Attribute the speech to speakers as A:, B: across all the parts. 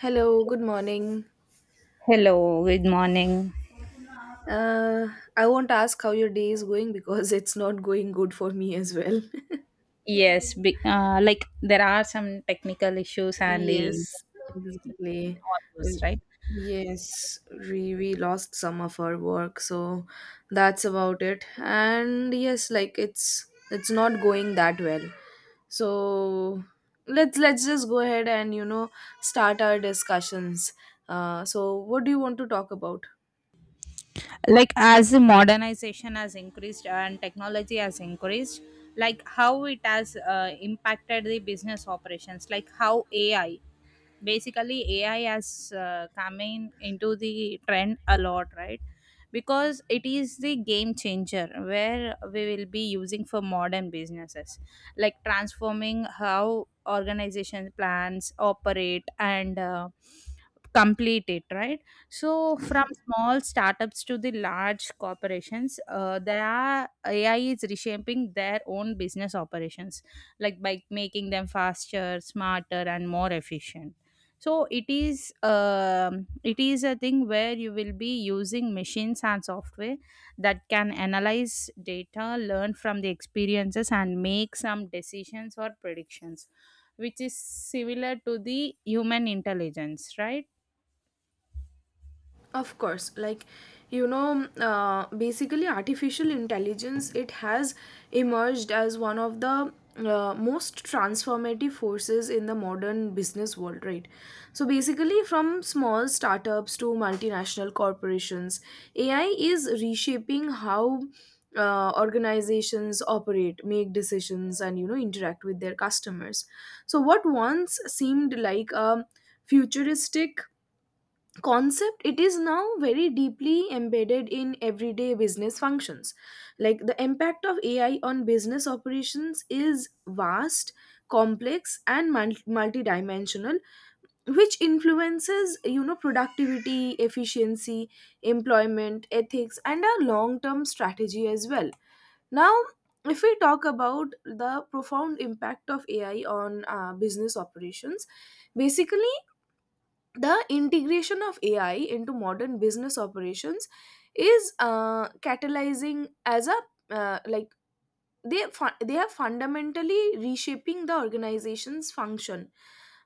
A: Hello, good morning.
B: Hello, good morning.
A: Uh, I won't ask how your day is going because it's not going good for me as well.
B: Like there are some technical issues and the
A: Yes, exactly.
B: all those,
A: Uh,
B: right?
A: Yes, we lost some of our work, so that's about it. And yes, like it's not going that well. So let's just go ahead and start our discussions. So what do you want to talk about?
B: Like as modernization has increased and technology has increased, like how it has impacted the business operations, like how ai has come in into the trend a lot, right? Because it is the game changer where we will be using for modern businesses, like transforming how organization plans operate and complete it, right? So, from small startups to the large corporations, there are AI is reshaping their own business operations, like by making them faster, smarter, and more efficient. So it is a thing where you will be using machines and software that can analyze data, learn from the experiences, and make some decisions or predictions, which is similar to the human intelligence, right?
A: Of course, like, basically artificial intelligence, it has emerged as one of the most transformative forces in the modern business world, right? So basically, from small startups to multinational corporations, AI is reshaping how organizations operate, make decisions, and interact with their customers. So what once seemed like a futuristic concept, it is now very deeply embedded in everyday business functions. Like the impact of AI on business operations is vast, complex, and multidimensional, which influences, you know, productivity, efficiency, employment, ethics, and a long term strategy as well. Now, if we talk about the profound impact of AI on business operations, basically the integration of AI into modern business operations is catalyzing as a uh, like they are fundamentally reshaping the organization's function,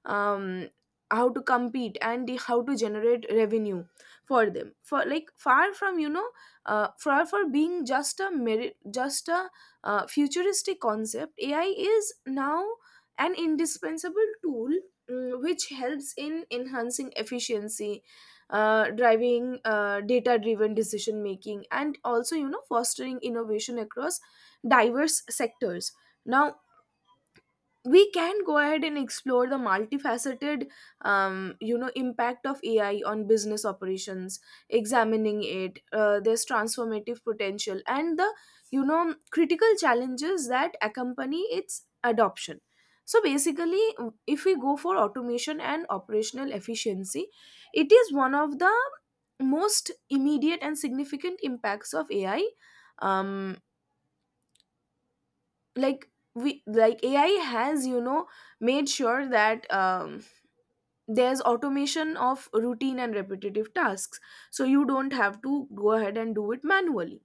A: um, how to compete and how to generate revenue for them. For like, far from, far for being just a merit, just a futuristic concept, AI is now an indispensable tool, which helps in enhancing efficiency, driving data driven decision making, and also, you know, fostering innovation across diverse sectors. Now, we can go ahead and explore the multifaceted you know, impact of AI on business operations, examining it, there's transformative potential and the, you know, critical challenges that accompany its adoption. So basically, if we go for automation and operational efficiency, it is one of the most immediate and significant impacts of AI. Um, like we like AI has, you know, made sure that, there's automation of routine and repetitive tasks, so you don't have to go ahead and do it manually.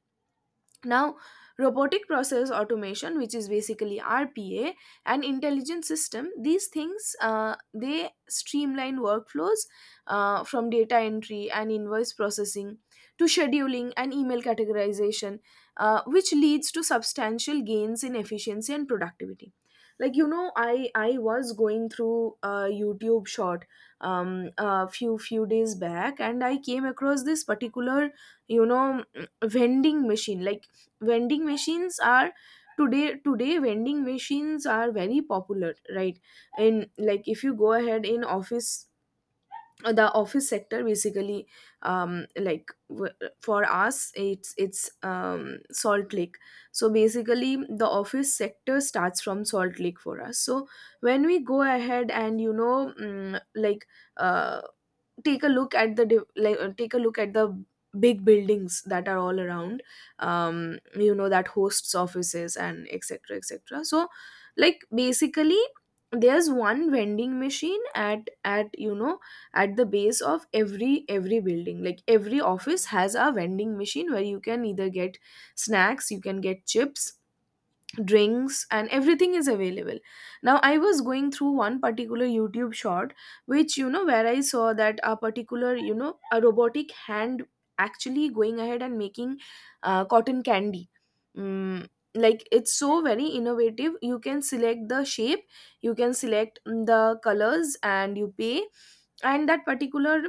A: Now, robotic process automation, which is basically RPA, and intelligent system, these things, they streamline workflows, from data entry and invoice processing to scheduling and email categorization, which leads to substantial gains in efficiency and productivity. Like, you know, I was going through a YouTube short a few days back, and I came across this particular, you know, vending machine. Like, vending machines are today, vending machines are very popular, right? And like, if you go ahead in office, the office sector basically, um like w- for us, it's Salt Lake. So basically the office sector starts from Salt Lake for us. So when we go ahead and, you know, uh take a look at the take a look at the big buildings that are all around, you know, that hosts offices and etc etc. So like basically, there's one vending machine at you know, at the base of every building, like every office has a vending machine where you can either get snacks, you can get chips, drinks, and everything is available. Now, I was going through one particular YouTube short, which, you know, where I saw that a particular, you know, a robotic hand actually going ahead and making cotton candy. mm, like, it's so very innovative. You can select the shape, you can select the colors, and you pay, and that particular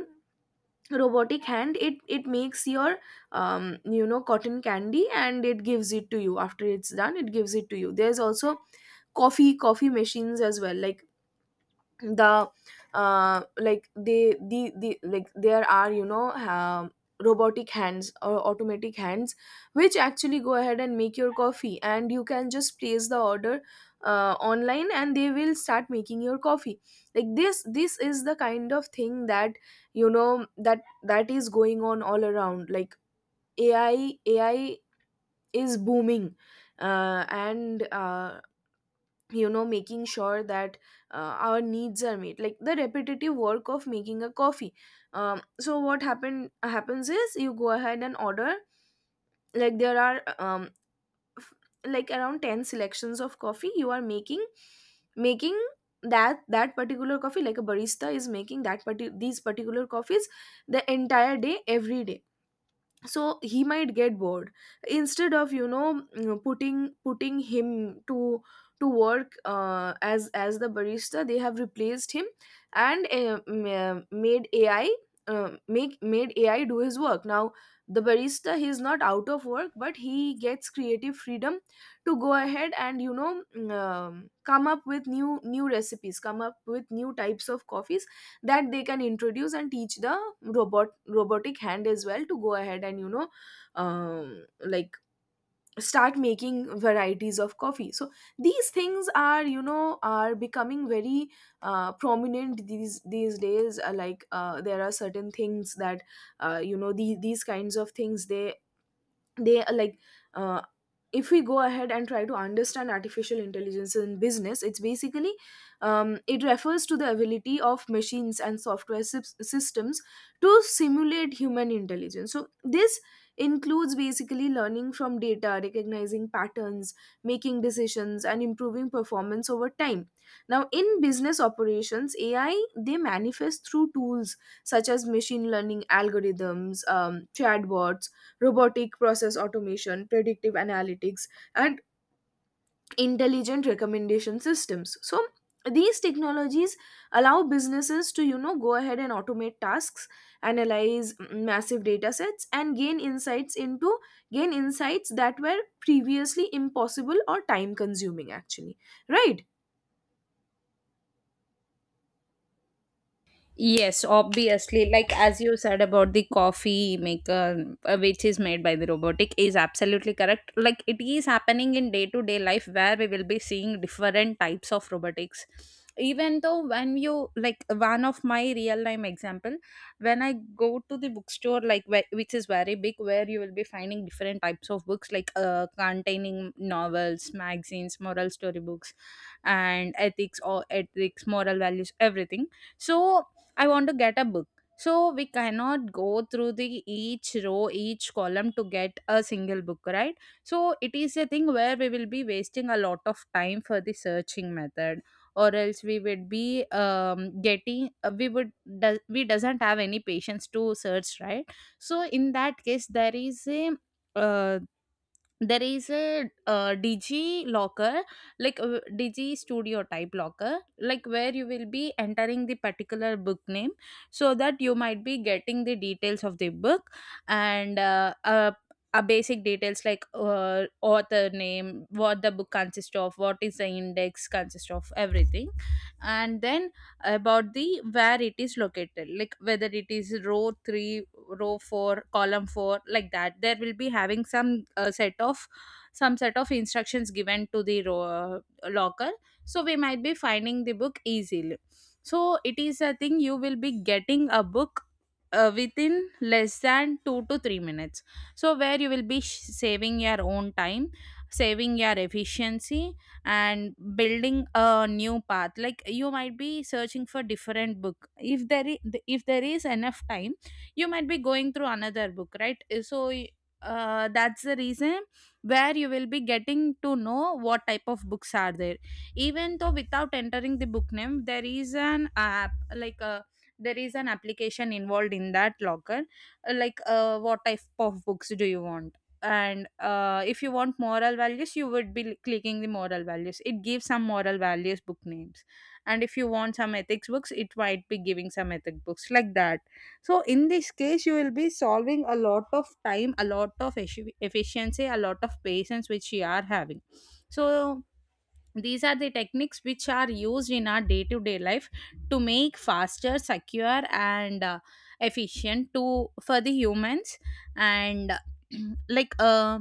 A: robotic hand, it makes your, you know, cotton candy, and it gives it to you. After it's done, it gives it to you. There's also coffee machines as well. Like the like they the like there are, you know, robotic hands or automatic hands which actually go ahead and make your coffee, and you can just place the order online, and they will start making your coffee. Like this is the kind of thing that, you know, that that is going on all around. Like, AI is booming, and you know, making sure that our needs are met, like the repetitive work of making a coffee. So what happens is, you go ahead and order. Like there are, f- like around 10 selections of coffee you are making that particular coffee. Like a barista is making that these particular coffees the entire day, every day, so he might get bored. Instead of, you know, putting him to work as as the barista, they have replaced him and, made AI do his work. Now, the barista, he is not out of work, but he gets creative freedom to go ahead and, you know, come up with new recipes, come up with new types of coffees that they can introduce and teach the robotic hand as well to go ahead and, you know, um, like start making varieties of coffee. So these things are, you know, are becoming very prominent these days. There are certain things that, you know, these kinds of things, they are like, uh, if we go ahead and try to understand artificial intelligence in business, it's basically, it refers to the ability of machines and software systems to simulate human intelligence. So this includes basically learning from data, recognizing patterns, making decisions, and improving performance over time. Now, in business operations, AI, they manifest through tools such as machine learning algorithms, chatbots, robotic process automation, predictive analytics, and intelligent recommendation systems. So these technologies allow businesses to, you know, go ahead and automate tasks, analyze massive data sets, and gain insights that were previously impossible or time consuming, actually, right?
B: Yes, obviously, like as you said about the coffee maker, which is made by the robotic, is absolutely correct. Like it is happening in day to day life where we will be seeing different types of robotics. Even though, when you, like, one of my real time example, when I go to the bookstore, like, where, which is very big, where you will be finding different types of books, like containing novels, magazines, moral story books, and ethics or ethics, moral values, everything. So I want to get a book. So we cannot go through the each row, each column to get a single book, right? So it is a thing where we will be wasting a lot of time for the searching method, or else we would be getting we would do, we doesn't have any patience to search, right? So in that case, uh, there is a digi locker, like digi studio type locker, like where you will be entering the particular book name so that you might be getting the details of the book, and basic details like author name, what the book consists of, what is the index consists of, everything. And then about the where it is located, like whether it is row 3, row 4, column 4, like that there will be having some set of instructions given to the row, locker, so we might be finding the book easily. So it is a thing you will be getting a book within less than 2 to 3 minutes, so where you will be saving your own time, saving your efficiency, and building a new path, like you might be searching for different book if there is, if there is enough time, you might be going through another book, right? So that's the reason where you will be getting to know what type of books are there. Even though without entering the book name, there is an app, like a, there is an application involved in that locker, like what type of books do you want, and if you want moral values, you would be clicking the moral values, it gives some moral values book names. And if you want some ethics books, it might be giving some ethic books, like that. So in this case, you will be solving a lot of time, a lot of efficiency, a lot of patience which you are having. So these are the techniques which are used in our day to day life to make faster, secure, and efficient to for the humans. And like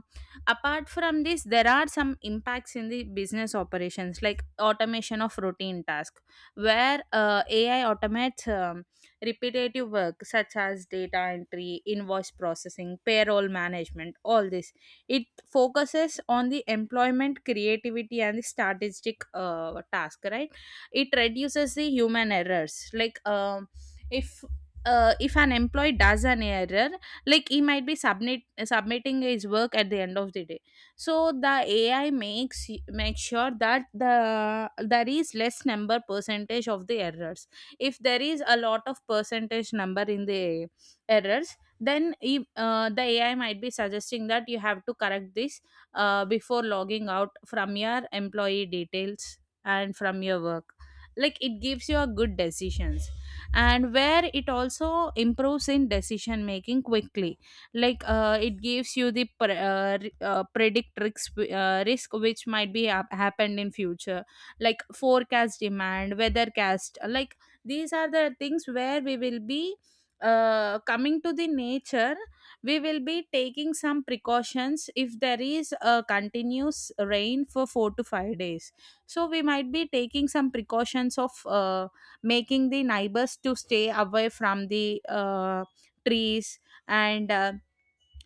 B: apart from this, there are some impacts in the business operations, like automation of routine tasks, where ai automates repetitive work such as data entry, invoice processing, payroll management, all this. It focuses on the employment, creativity, and the strategic task, right? It reduces the human errors. Like, if if an employee does an error, like he might be submitting his work at the end of the day. So the AI makes make sure that the there is less number percentage of the errors. If there is a lot of percentage number in the errors, then the ai might be suggesting that you have to correct this before logging out from your employee details and from your work. Like it gives you a good decisions, and where it also improves in decision making quickly. Like it gives you the predict risks, risk which might be happened in future, like forecast demand, weathercast, like these are the things where we will be coming to the nature. We will be taking some precautions if there is a continuous rain for 4 to 5 days, so we might be taking some precautions of making the neighbors to stay away from the trees, and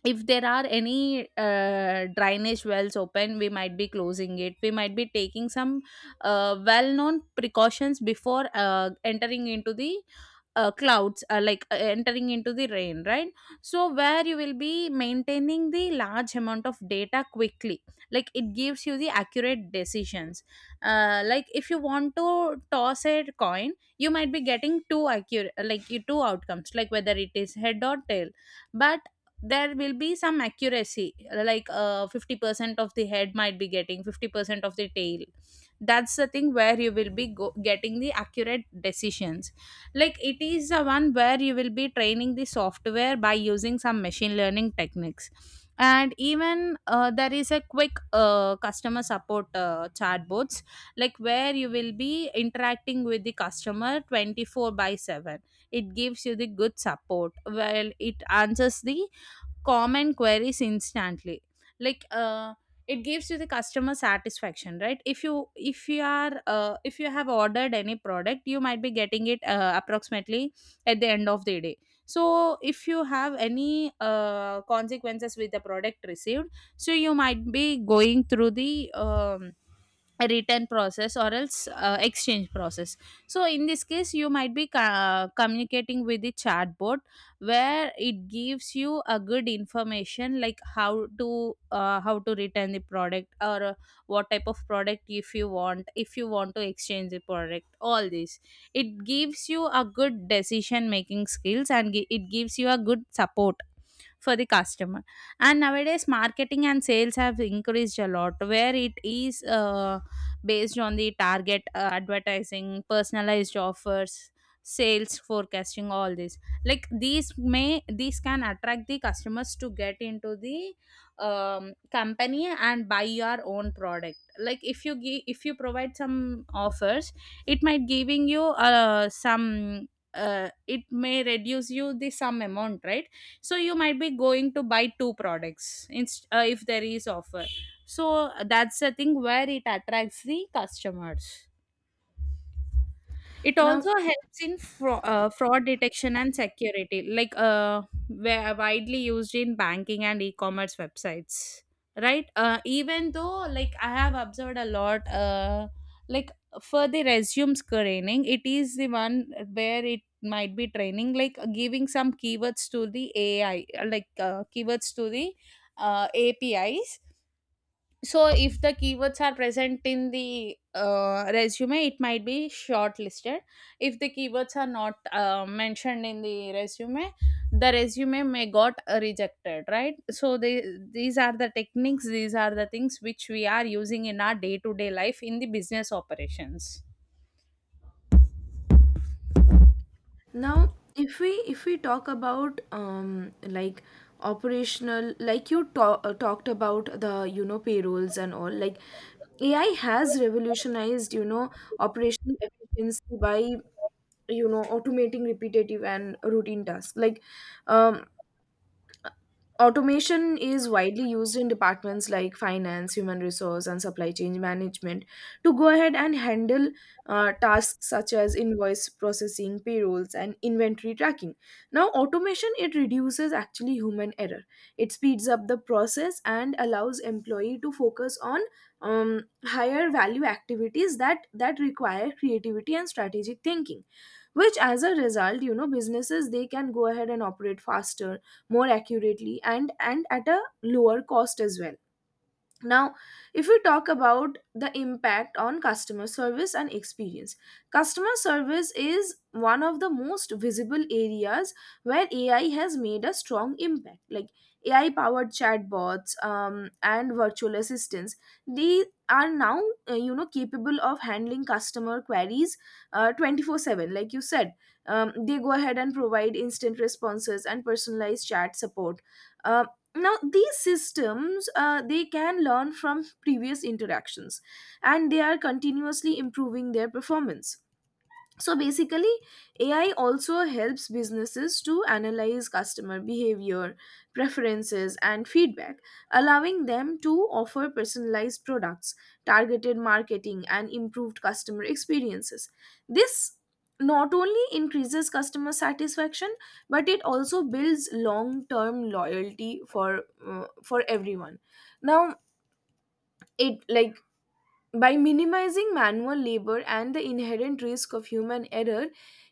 B: if there are any drainage wells open, we might be closing it. We might be taking some well known precautions before entering into the clouds like entering into the rain, right? So where you will be maintaining the large amount of data quickly, like it gives you the accurate decisions. Like if you want to toss a coin, you might be getting two accurate, like you two outcomes, like whether it is head or tail. But there will be some accuracy, like 50% of the head, might be getting 50% of the tail. That's the thing where you will be getting the accurate decisions, like it is the one where you will be training the software by using some machine learning techniques. And even there is a quick customer support chatbots, like where you will be interacting with the customer 24 by 7. It gives you the good support. Well, it answers the common queries instantly. Like it gives you the customer satisfaction, right? If you, if you are if you have ordered any product, you might be getting it approximately at the end of the day. So if you have any consequences with the product received, so you might be going through the um, a return process or else exchange process. So in this case, you might be communicating with the chatbot, where it gives you a good information, like how to return the product, or what type of product, if you want, if you want to exchange the product, all this. It gives you a good decision making skills and it gives you a good support for the customer. And nowadays, marketing and sales have increased a lot, where it is based on the target advertising, personalized offers, sales forecasting, all this. Like these may, these can attract the customers to get into the company and buy your own product. Like if you give, if you provide some offers, it might giving you some it may reduce you the some amount, right? So you might be going to buy two products if there is offer. So that's the thing where it attracts the customers. It
A: Now,
B: also helps in fraud detection and security, like widely used in banking and e-commerce websites, right? Even though, like, I have observed a lot, like for the resume screening, it is the one where it might be training, like giving some keywords to the ai, keywords to the apis. So if the keywords are present in the resume, it might be shortlisted. If the keywords are not mentioned in the resume may got rejected, right? So these are the techniques, these are the things which we are using in our day-to-day life in the business operations.
A: Now, if we talk about, operational, like you talked about the, you know, payrolls and all, like AI has revolutionized, you know, operational efficiency by, you know, automating repetitive and routine tasks. Like, um, automation is widely used in departments like finance, human resource, and supply chain management to go ahead and handle tasks such as invoice processing, payrolls, and inventory tracking. Now, automation, it reduces actually human error. It speeds up the process and allows employee to focus on higher value activities that require creativity and strategic thinking, which as a result, you know, businesses, they can go ahead and operate faster, more accurately, and at a lower cost as well. Now, if we talk about the impact on customer service and experience, customer service is one of the most visible areas where AI has made a strong impact. Like, AI powered chatbots, and virtual assistants, they are now you know, capable of handling customer queries 24/7, like you said. They go ahead and provide instant responses and personalized chat support. Um, Now these systems, they can learn from previous interactions, and they are continuously improving their performance. So basically, AI also helps businesses to analyze customer behavior, preferences, and feedback, allowing them to offer personalized products, targeted marketing, and improved customer experiences. This not only increases customer satisfaction, but it also builds long term loyalty for, for everyone. Now, it like, by minimizing manual labor and the inherent risk of human error,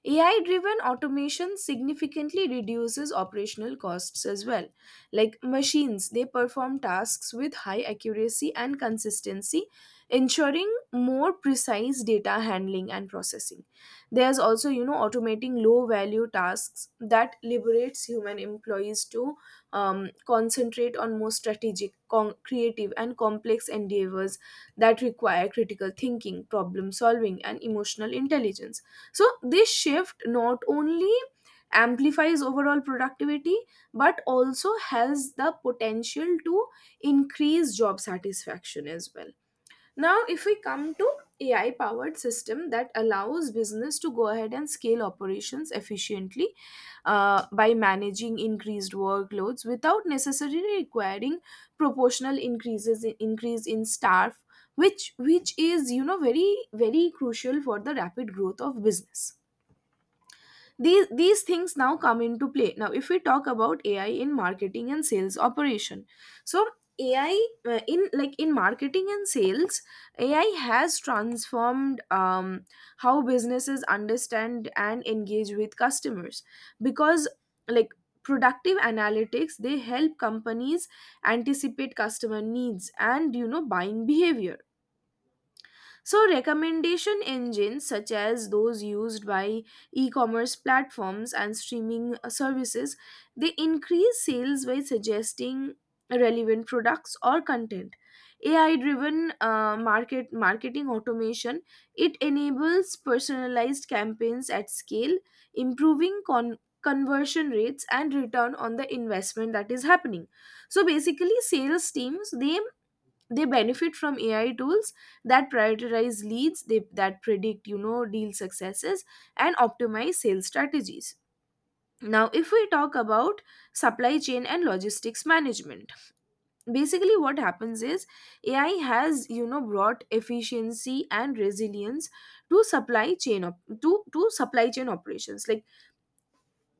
A: AI driven automation significantly reduces operational costs as well. Like, machines, they perform tasks with high accuracy and consistency, ensuring more precise data handling and processing. There's also, you know, automating low value tasks that liberates human employees to, concentrate on more strategic, creative, and complex endeavors that require critical thinking, problem solving, and emotional intelligence. So this shift not only amplifies overall productivity, but also has the potential to increase job satisfaction as well. Now, if we come to AI powered system that allows business to go ahead and scale operations efficiently by managing increased workloads without necessarily requiring proportional increase in staff, which is, you know, very crucial for the rapid growth of business. These things now come into play. Now, if we talk about AI in marketing and sales operation, so AI, in marketing and sales, AI has transformed, how businesses understand and engage with customers, because like, productive analytics, they help companies anticipate customer needs and, you know, buying behavior. So, recommendation engines, such as those used by e-commerce platforms and streaming services, they increase sales by suggesting relevant products or content. AI-driven marketing automation it enables personalized campaigns at scale, improving conversion rates and return on the investment that is happening. So basically, sales teams they benefit from AI tools that prioritize leads, that predict, you know, deal successes and optimize sales strategies. Now if we talk about supply chain and logistics management, basically what happens is AI has, you know, brought efficiency and resilience to supply chain op- to supply chain operations. Like,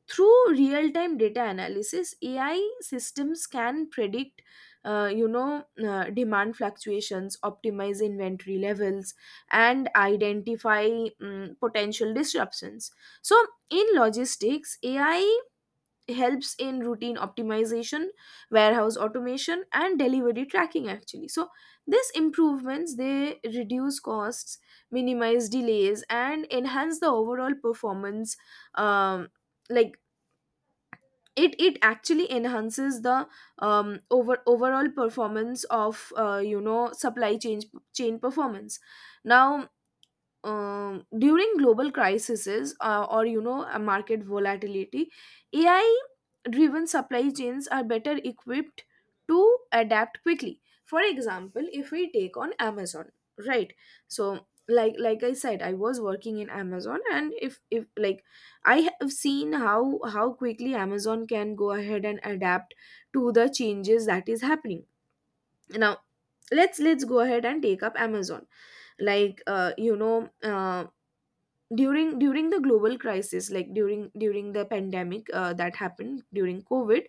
A: through real time data analysis, AI systems can predict, you know, demand fluctuations, optimize inventory levels, and identify potential disruptions. So in logistics, AI helps in routine optimization, warehouse automation, and delivery tracking. Actually, so these improvements, they reduce costs, minimize delays, and enhance the overall performance. um, like, it actually enhances the overall performance of, you know, supply chain performance. Now during global crises, or, you know, a market volatility, ai driven supply chains are better equipped to adapt quickly. For example, if we take on Amazon, right? So like I said, I was working in Amazon, and if like, I have seen how quickly Amazon can go ahead and adapt to the changes that is happening. Now let's go ahead and take up Amazon. Like, you know, during the global crisis, like during the pandemic that happened during COVID,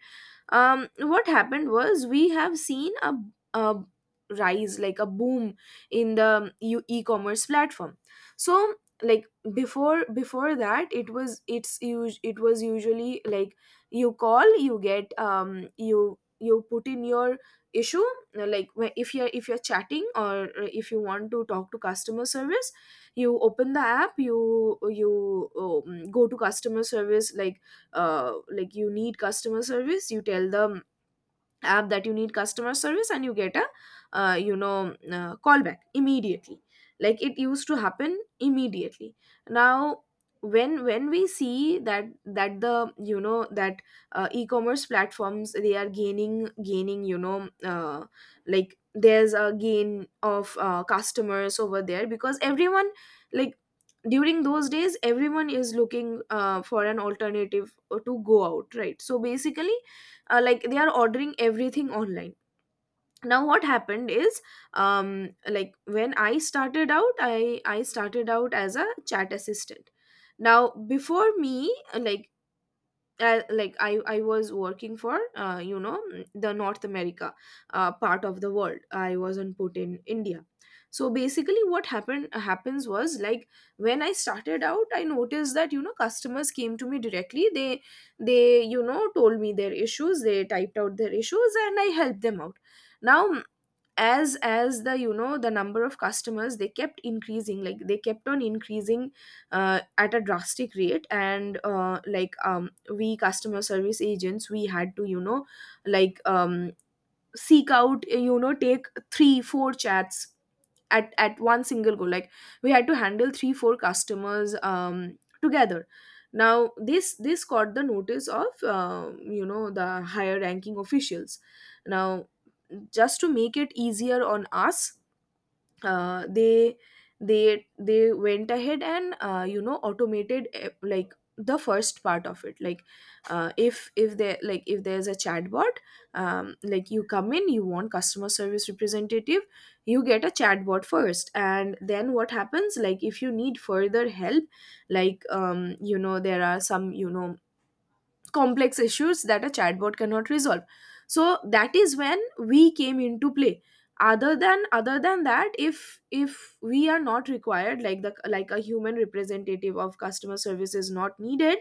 A: what happened was we have seen a rise, like a boom, in the e-commerce platform. So, like, before that, it was usually like, you call, you get, you put in your issue. Like, if you're, chatting, or if you want to talk to customer service, you open the app, you, go to customer service. Like, like, you need customer service, you tell them app that you need customer service, and you get a, you know, callback immediately. Like, it used to happen immediately. Now when we see that the, you know, that e-commerce platforms, they are gaining, you know, like, there's a gain of, customers over there, because everyone, like, during those days, everyone is looking, for an alternative, to go out, right? So basically, like, they are ordering everything online. Now what happened is, like, when I started out, I started out as a chat assistant. Now before me, like, like, I was working for, you know, the North America part of the world. I wasn't put in India. So basically what happened happens was, like, when I started out, I noticed that, you know, customers came to me directly. They, you know, told me their issues, they typed out their issues, and I helped them out. Now as the, you know, the number of customers, they kept increasing, like they kept on increasing at a drastic rate. And like, we customer service agents, we had to, you know, like, seek out, you know, take 3 4 chats at one single go. Like, we had to handle 3 4 customers, together. Now this caught the notice of, you know, the higher ranking officials. Now just to make it easier on us, they, they went ahead and, you know, automated like the first part of it. Like, if there like, if there's a chatbot, like, you come in, you want customer service representative, you get a chatbot first, and then what happens, like, if you need further help, like, you know, there are some, you know, complex issues that a chatbot cannot resolve. So that is when we came into play. Other than that, if we are not required, like the, like a human representative of customer service is not needed,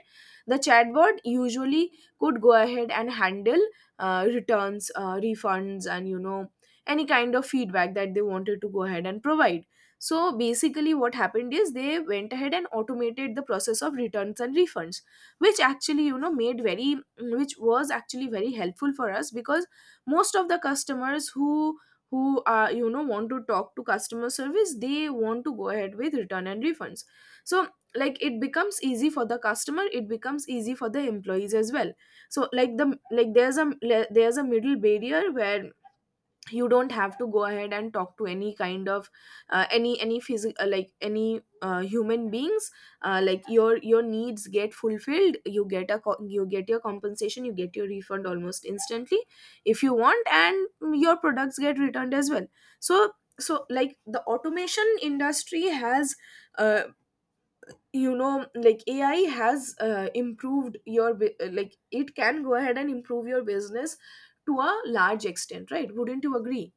A: the chatbot usually could go ahead and handle returns, refunds, and, you know, any kind of feedback that they wanted to go ahead and provide. So basically what happened is they went ahead and automated the process of returns and refunds, which actually, you know, made very which was actually very helpful for us, because most of the customers who you know, want to talk to customer service, they want to go ahead with return and refunds. So, like, it becomes easy for the customer, it becomes easy for the employees as well. So, like the, like there's a, middle barrier where you don't have to go ahead and talk to any kind of, any physical, like any, human beings. Like, your needs get fulfilled, you get a, you get your compensation, you get your refund almost instantly if you want, and your products get returned as well. So, like, the automation industry has, uh, you know, like, AI has, improved your, like, it can go ahead and improve your business to a large extent, right? Wouldn't you agree?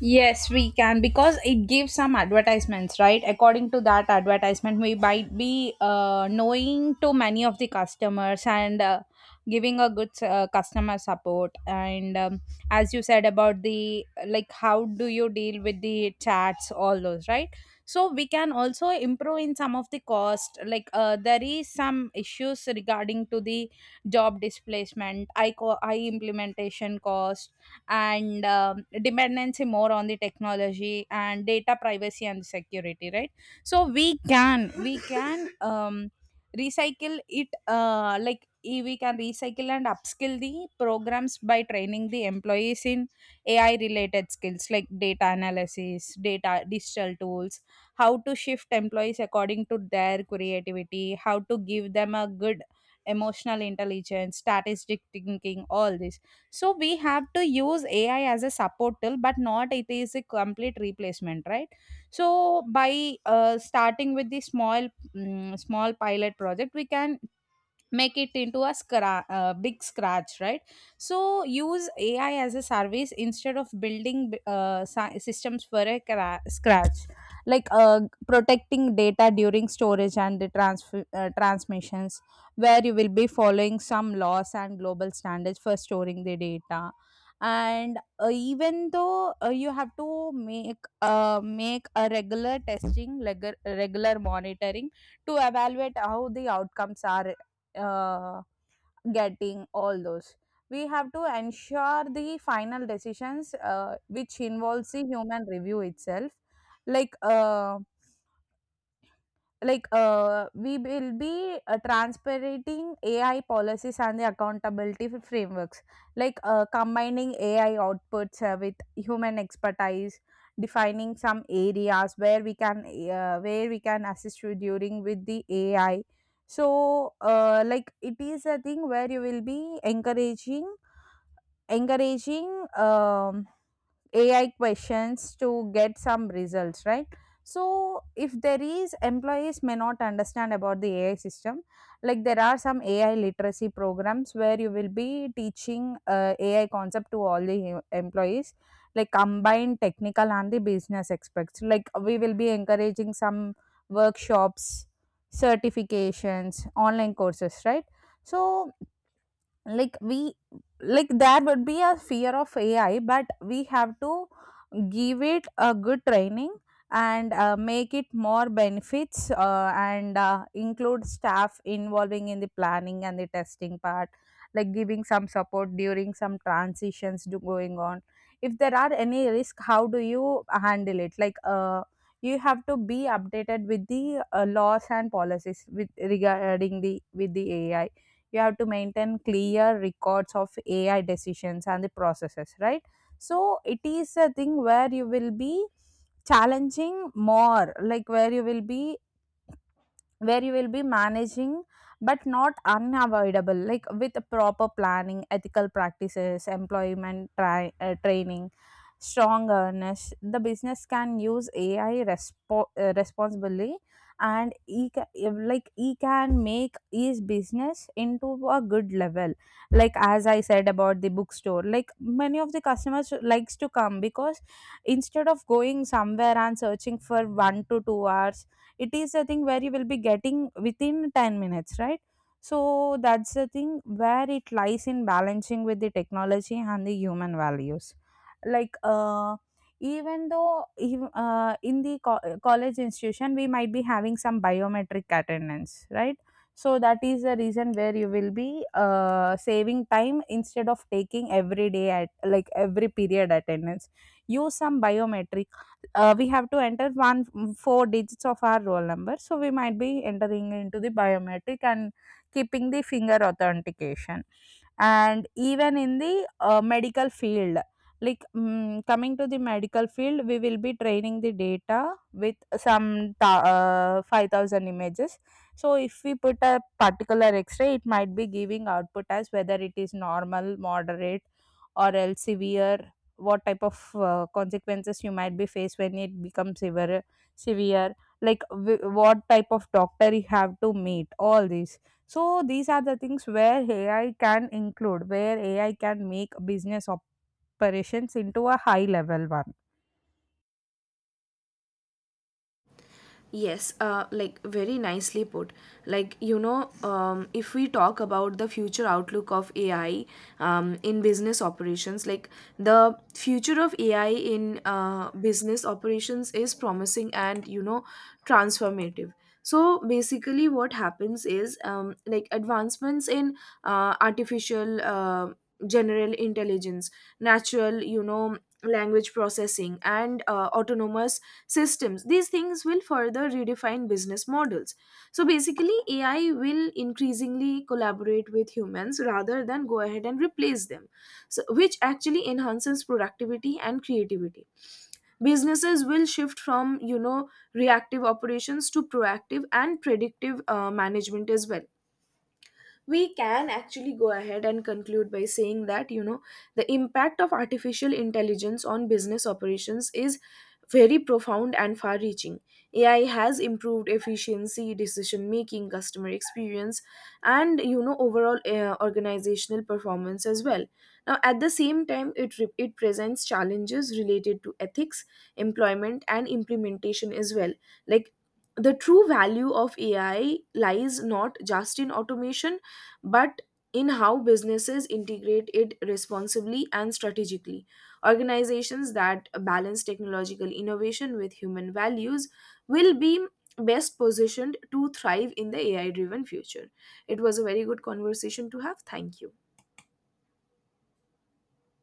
B: Yes, we can, because it gives some advertisements, right? According to that advertisement, we might be knowing to many of the customers and giving a good customer support. And as you said about the, like, how do you deal with the chats, all those, right? So we can also improve in some of the cost. Like there is some issues regarding to the job displacement, I implementation cost and dependency more on the technology and data privacy and security, right? So we can recycle it, we can recycle and upskill the programs by training the employees in ai related skills like data analysis, data digital tools, how to shift employees according to their creativity, how to give them a good emotional intelligence, statistic thinking, all this. So we have to use ai as a support tool, but not it is a complete replacement, right? So by starting with the small small pilot project, we can make it into a big scratch, right? So use ai as a service instead of building systems for a scratch. Like protecting data during storage and the transfer transmissions, where you will be following some laws and global standards for storing the data. And even though, you have to make, make a regular testing, like regular monitoring to evaluate how the outcomes are, uh, getting all those. We have to ensure the final decisions which involves the human review itself. like uh, we will be transparting ai policies and the accountability frameworks, like combining ai outputs with human expertise, defining some areas where we can, where we can assist you during with the ai. So like it is a thing where you will be encouraging, encouraging um, AI questions to get some results, right? So if there is employees may not understand about the AI system, like there are some AI literacy programs where you will be teaching, AI concept to all the employees, like combined technical and the business aspects. Like we will be encouraging some workshops, certifications, online courses, right? So, like we like there would be a fear of ai, but we have to give it a good training and make it more benefits, and include staff involving in the planning and the testing part, like giving some support during some transitions do going on. If there are any risk, how do you handle it? You have to be updated with the laws and policies with regarding the with the ai. You have to maintain clear records of ai decisions and the processes, right? So it is a thing where you will be challenging more, like where you will be, where you will be managing, but not unavoidable. Like with proper planning, ethical practices, employment training, strong awareness, the business can use ai responsibly, and he ca- if- like he can make his business into a good level. Like as I said about the bookstore, like many of the customers likes to come because instead of going somewhere and searching for 1 to 2 hours, it is a thing where you will be getting within 10 minutes, right? So that's the thing where it lies in balancing with the technology and the human values. like uh, even though, in the college institution, we might be having some biometric attendance, right? So that is the reason where you will be saving time instead of taking every day at, like, every period attendance. Use some biometric, we have to enter one four digits of our roll number, so we might be entering into the biometric and keeping the finger authentication. And even in the medical field, like, coming to the medical field, we will be training the data with some 5,000 images. So if we put a particular x-ray, it might be giving output as whether it is normal, moderate, or else severe. What type of consequences you might be faced when it becomes severe? Severe, like what type of doctor you have to meet, all these. So these are the things where ai can include, where ai can make business operations into a high level one.
A: Yes, like, very nicely put. Like, you know, if we talk about the future outlook of AI, in business operations, like, the future of AI in, business operations is promising and, you know, transformative. So basically, what happens is, like, advancements in, artificial, general intelligence, natural, you know, language processing, and, autonomous systems, these things will further redefine business models. So basically, AI will increasingly collaborate with humans rather than go ahead and replace them, so, which actually enhances productivity and creativity. Businesses will shift from, you know, reactive operations to proactive and predictive, management as well. We can actually go ahead and conclude by saying that, you know, the impact of artificial intelligence on business operations is very profound and far reaching. AI has improved efficiency, decision making, customer experience, and, you know, overall, organizational performance as well. Now at the same time, it it presents challenges related to ethics, employment, and implementation as well. Like, the true value of AI lies not just in automation, but in how businesses integrate it responsibly and strategically. Organizations that balance technological innovation with human values will be best positioned to thrive in the AI driven future. It was a very good conversation to have. Thank you.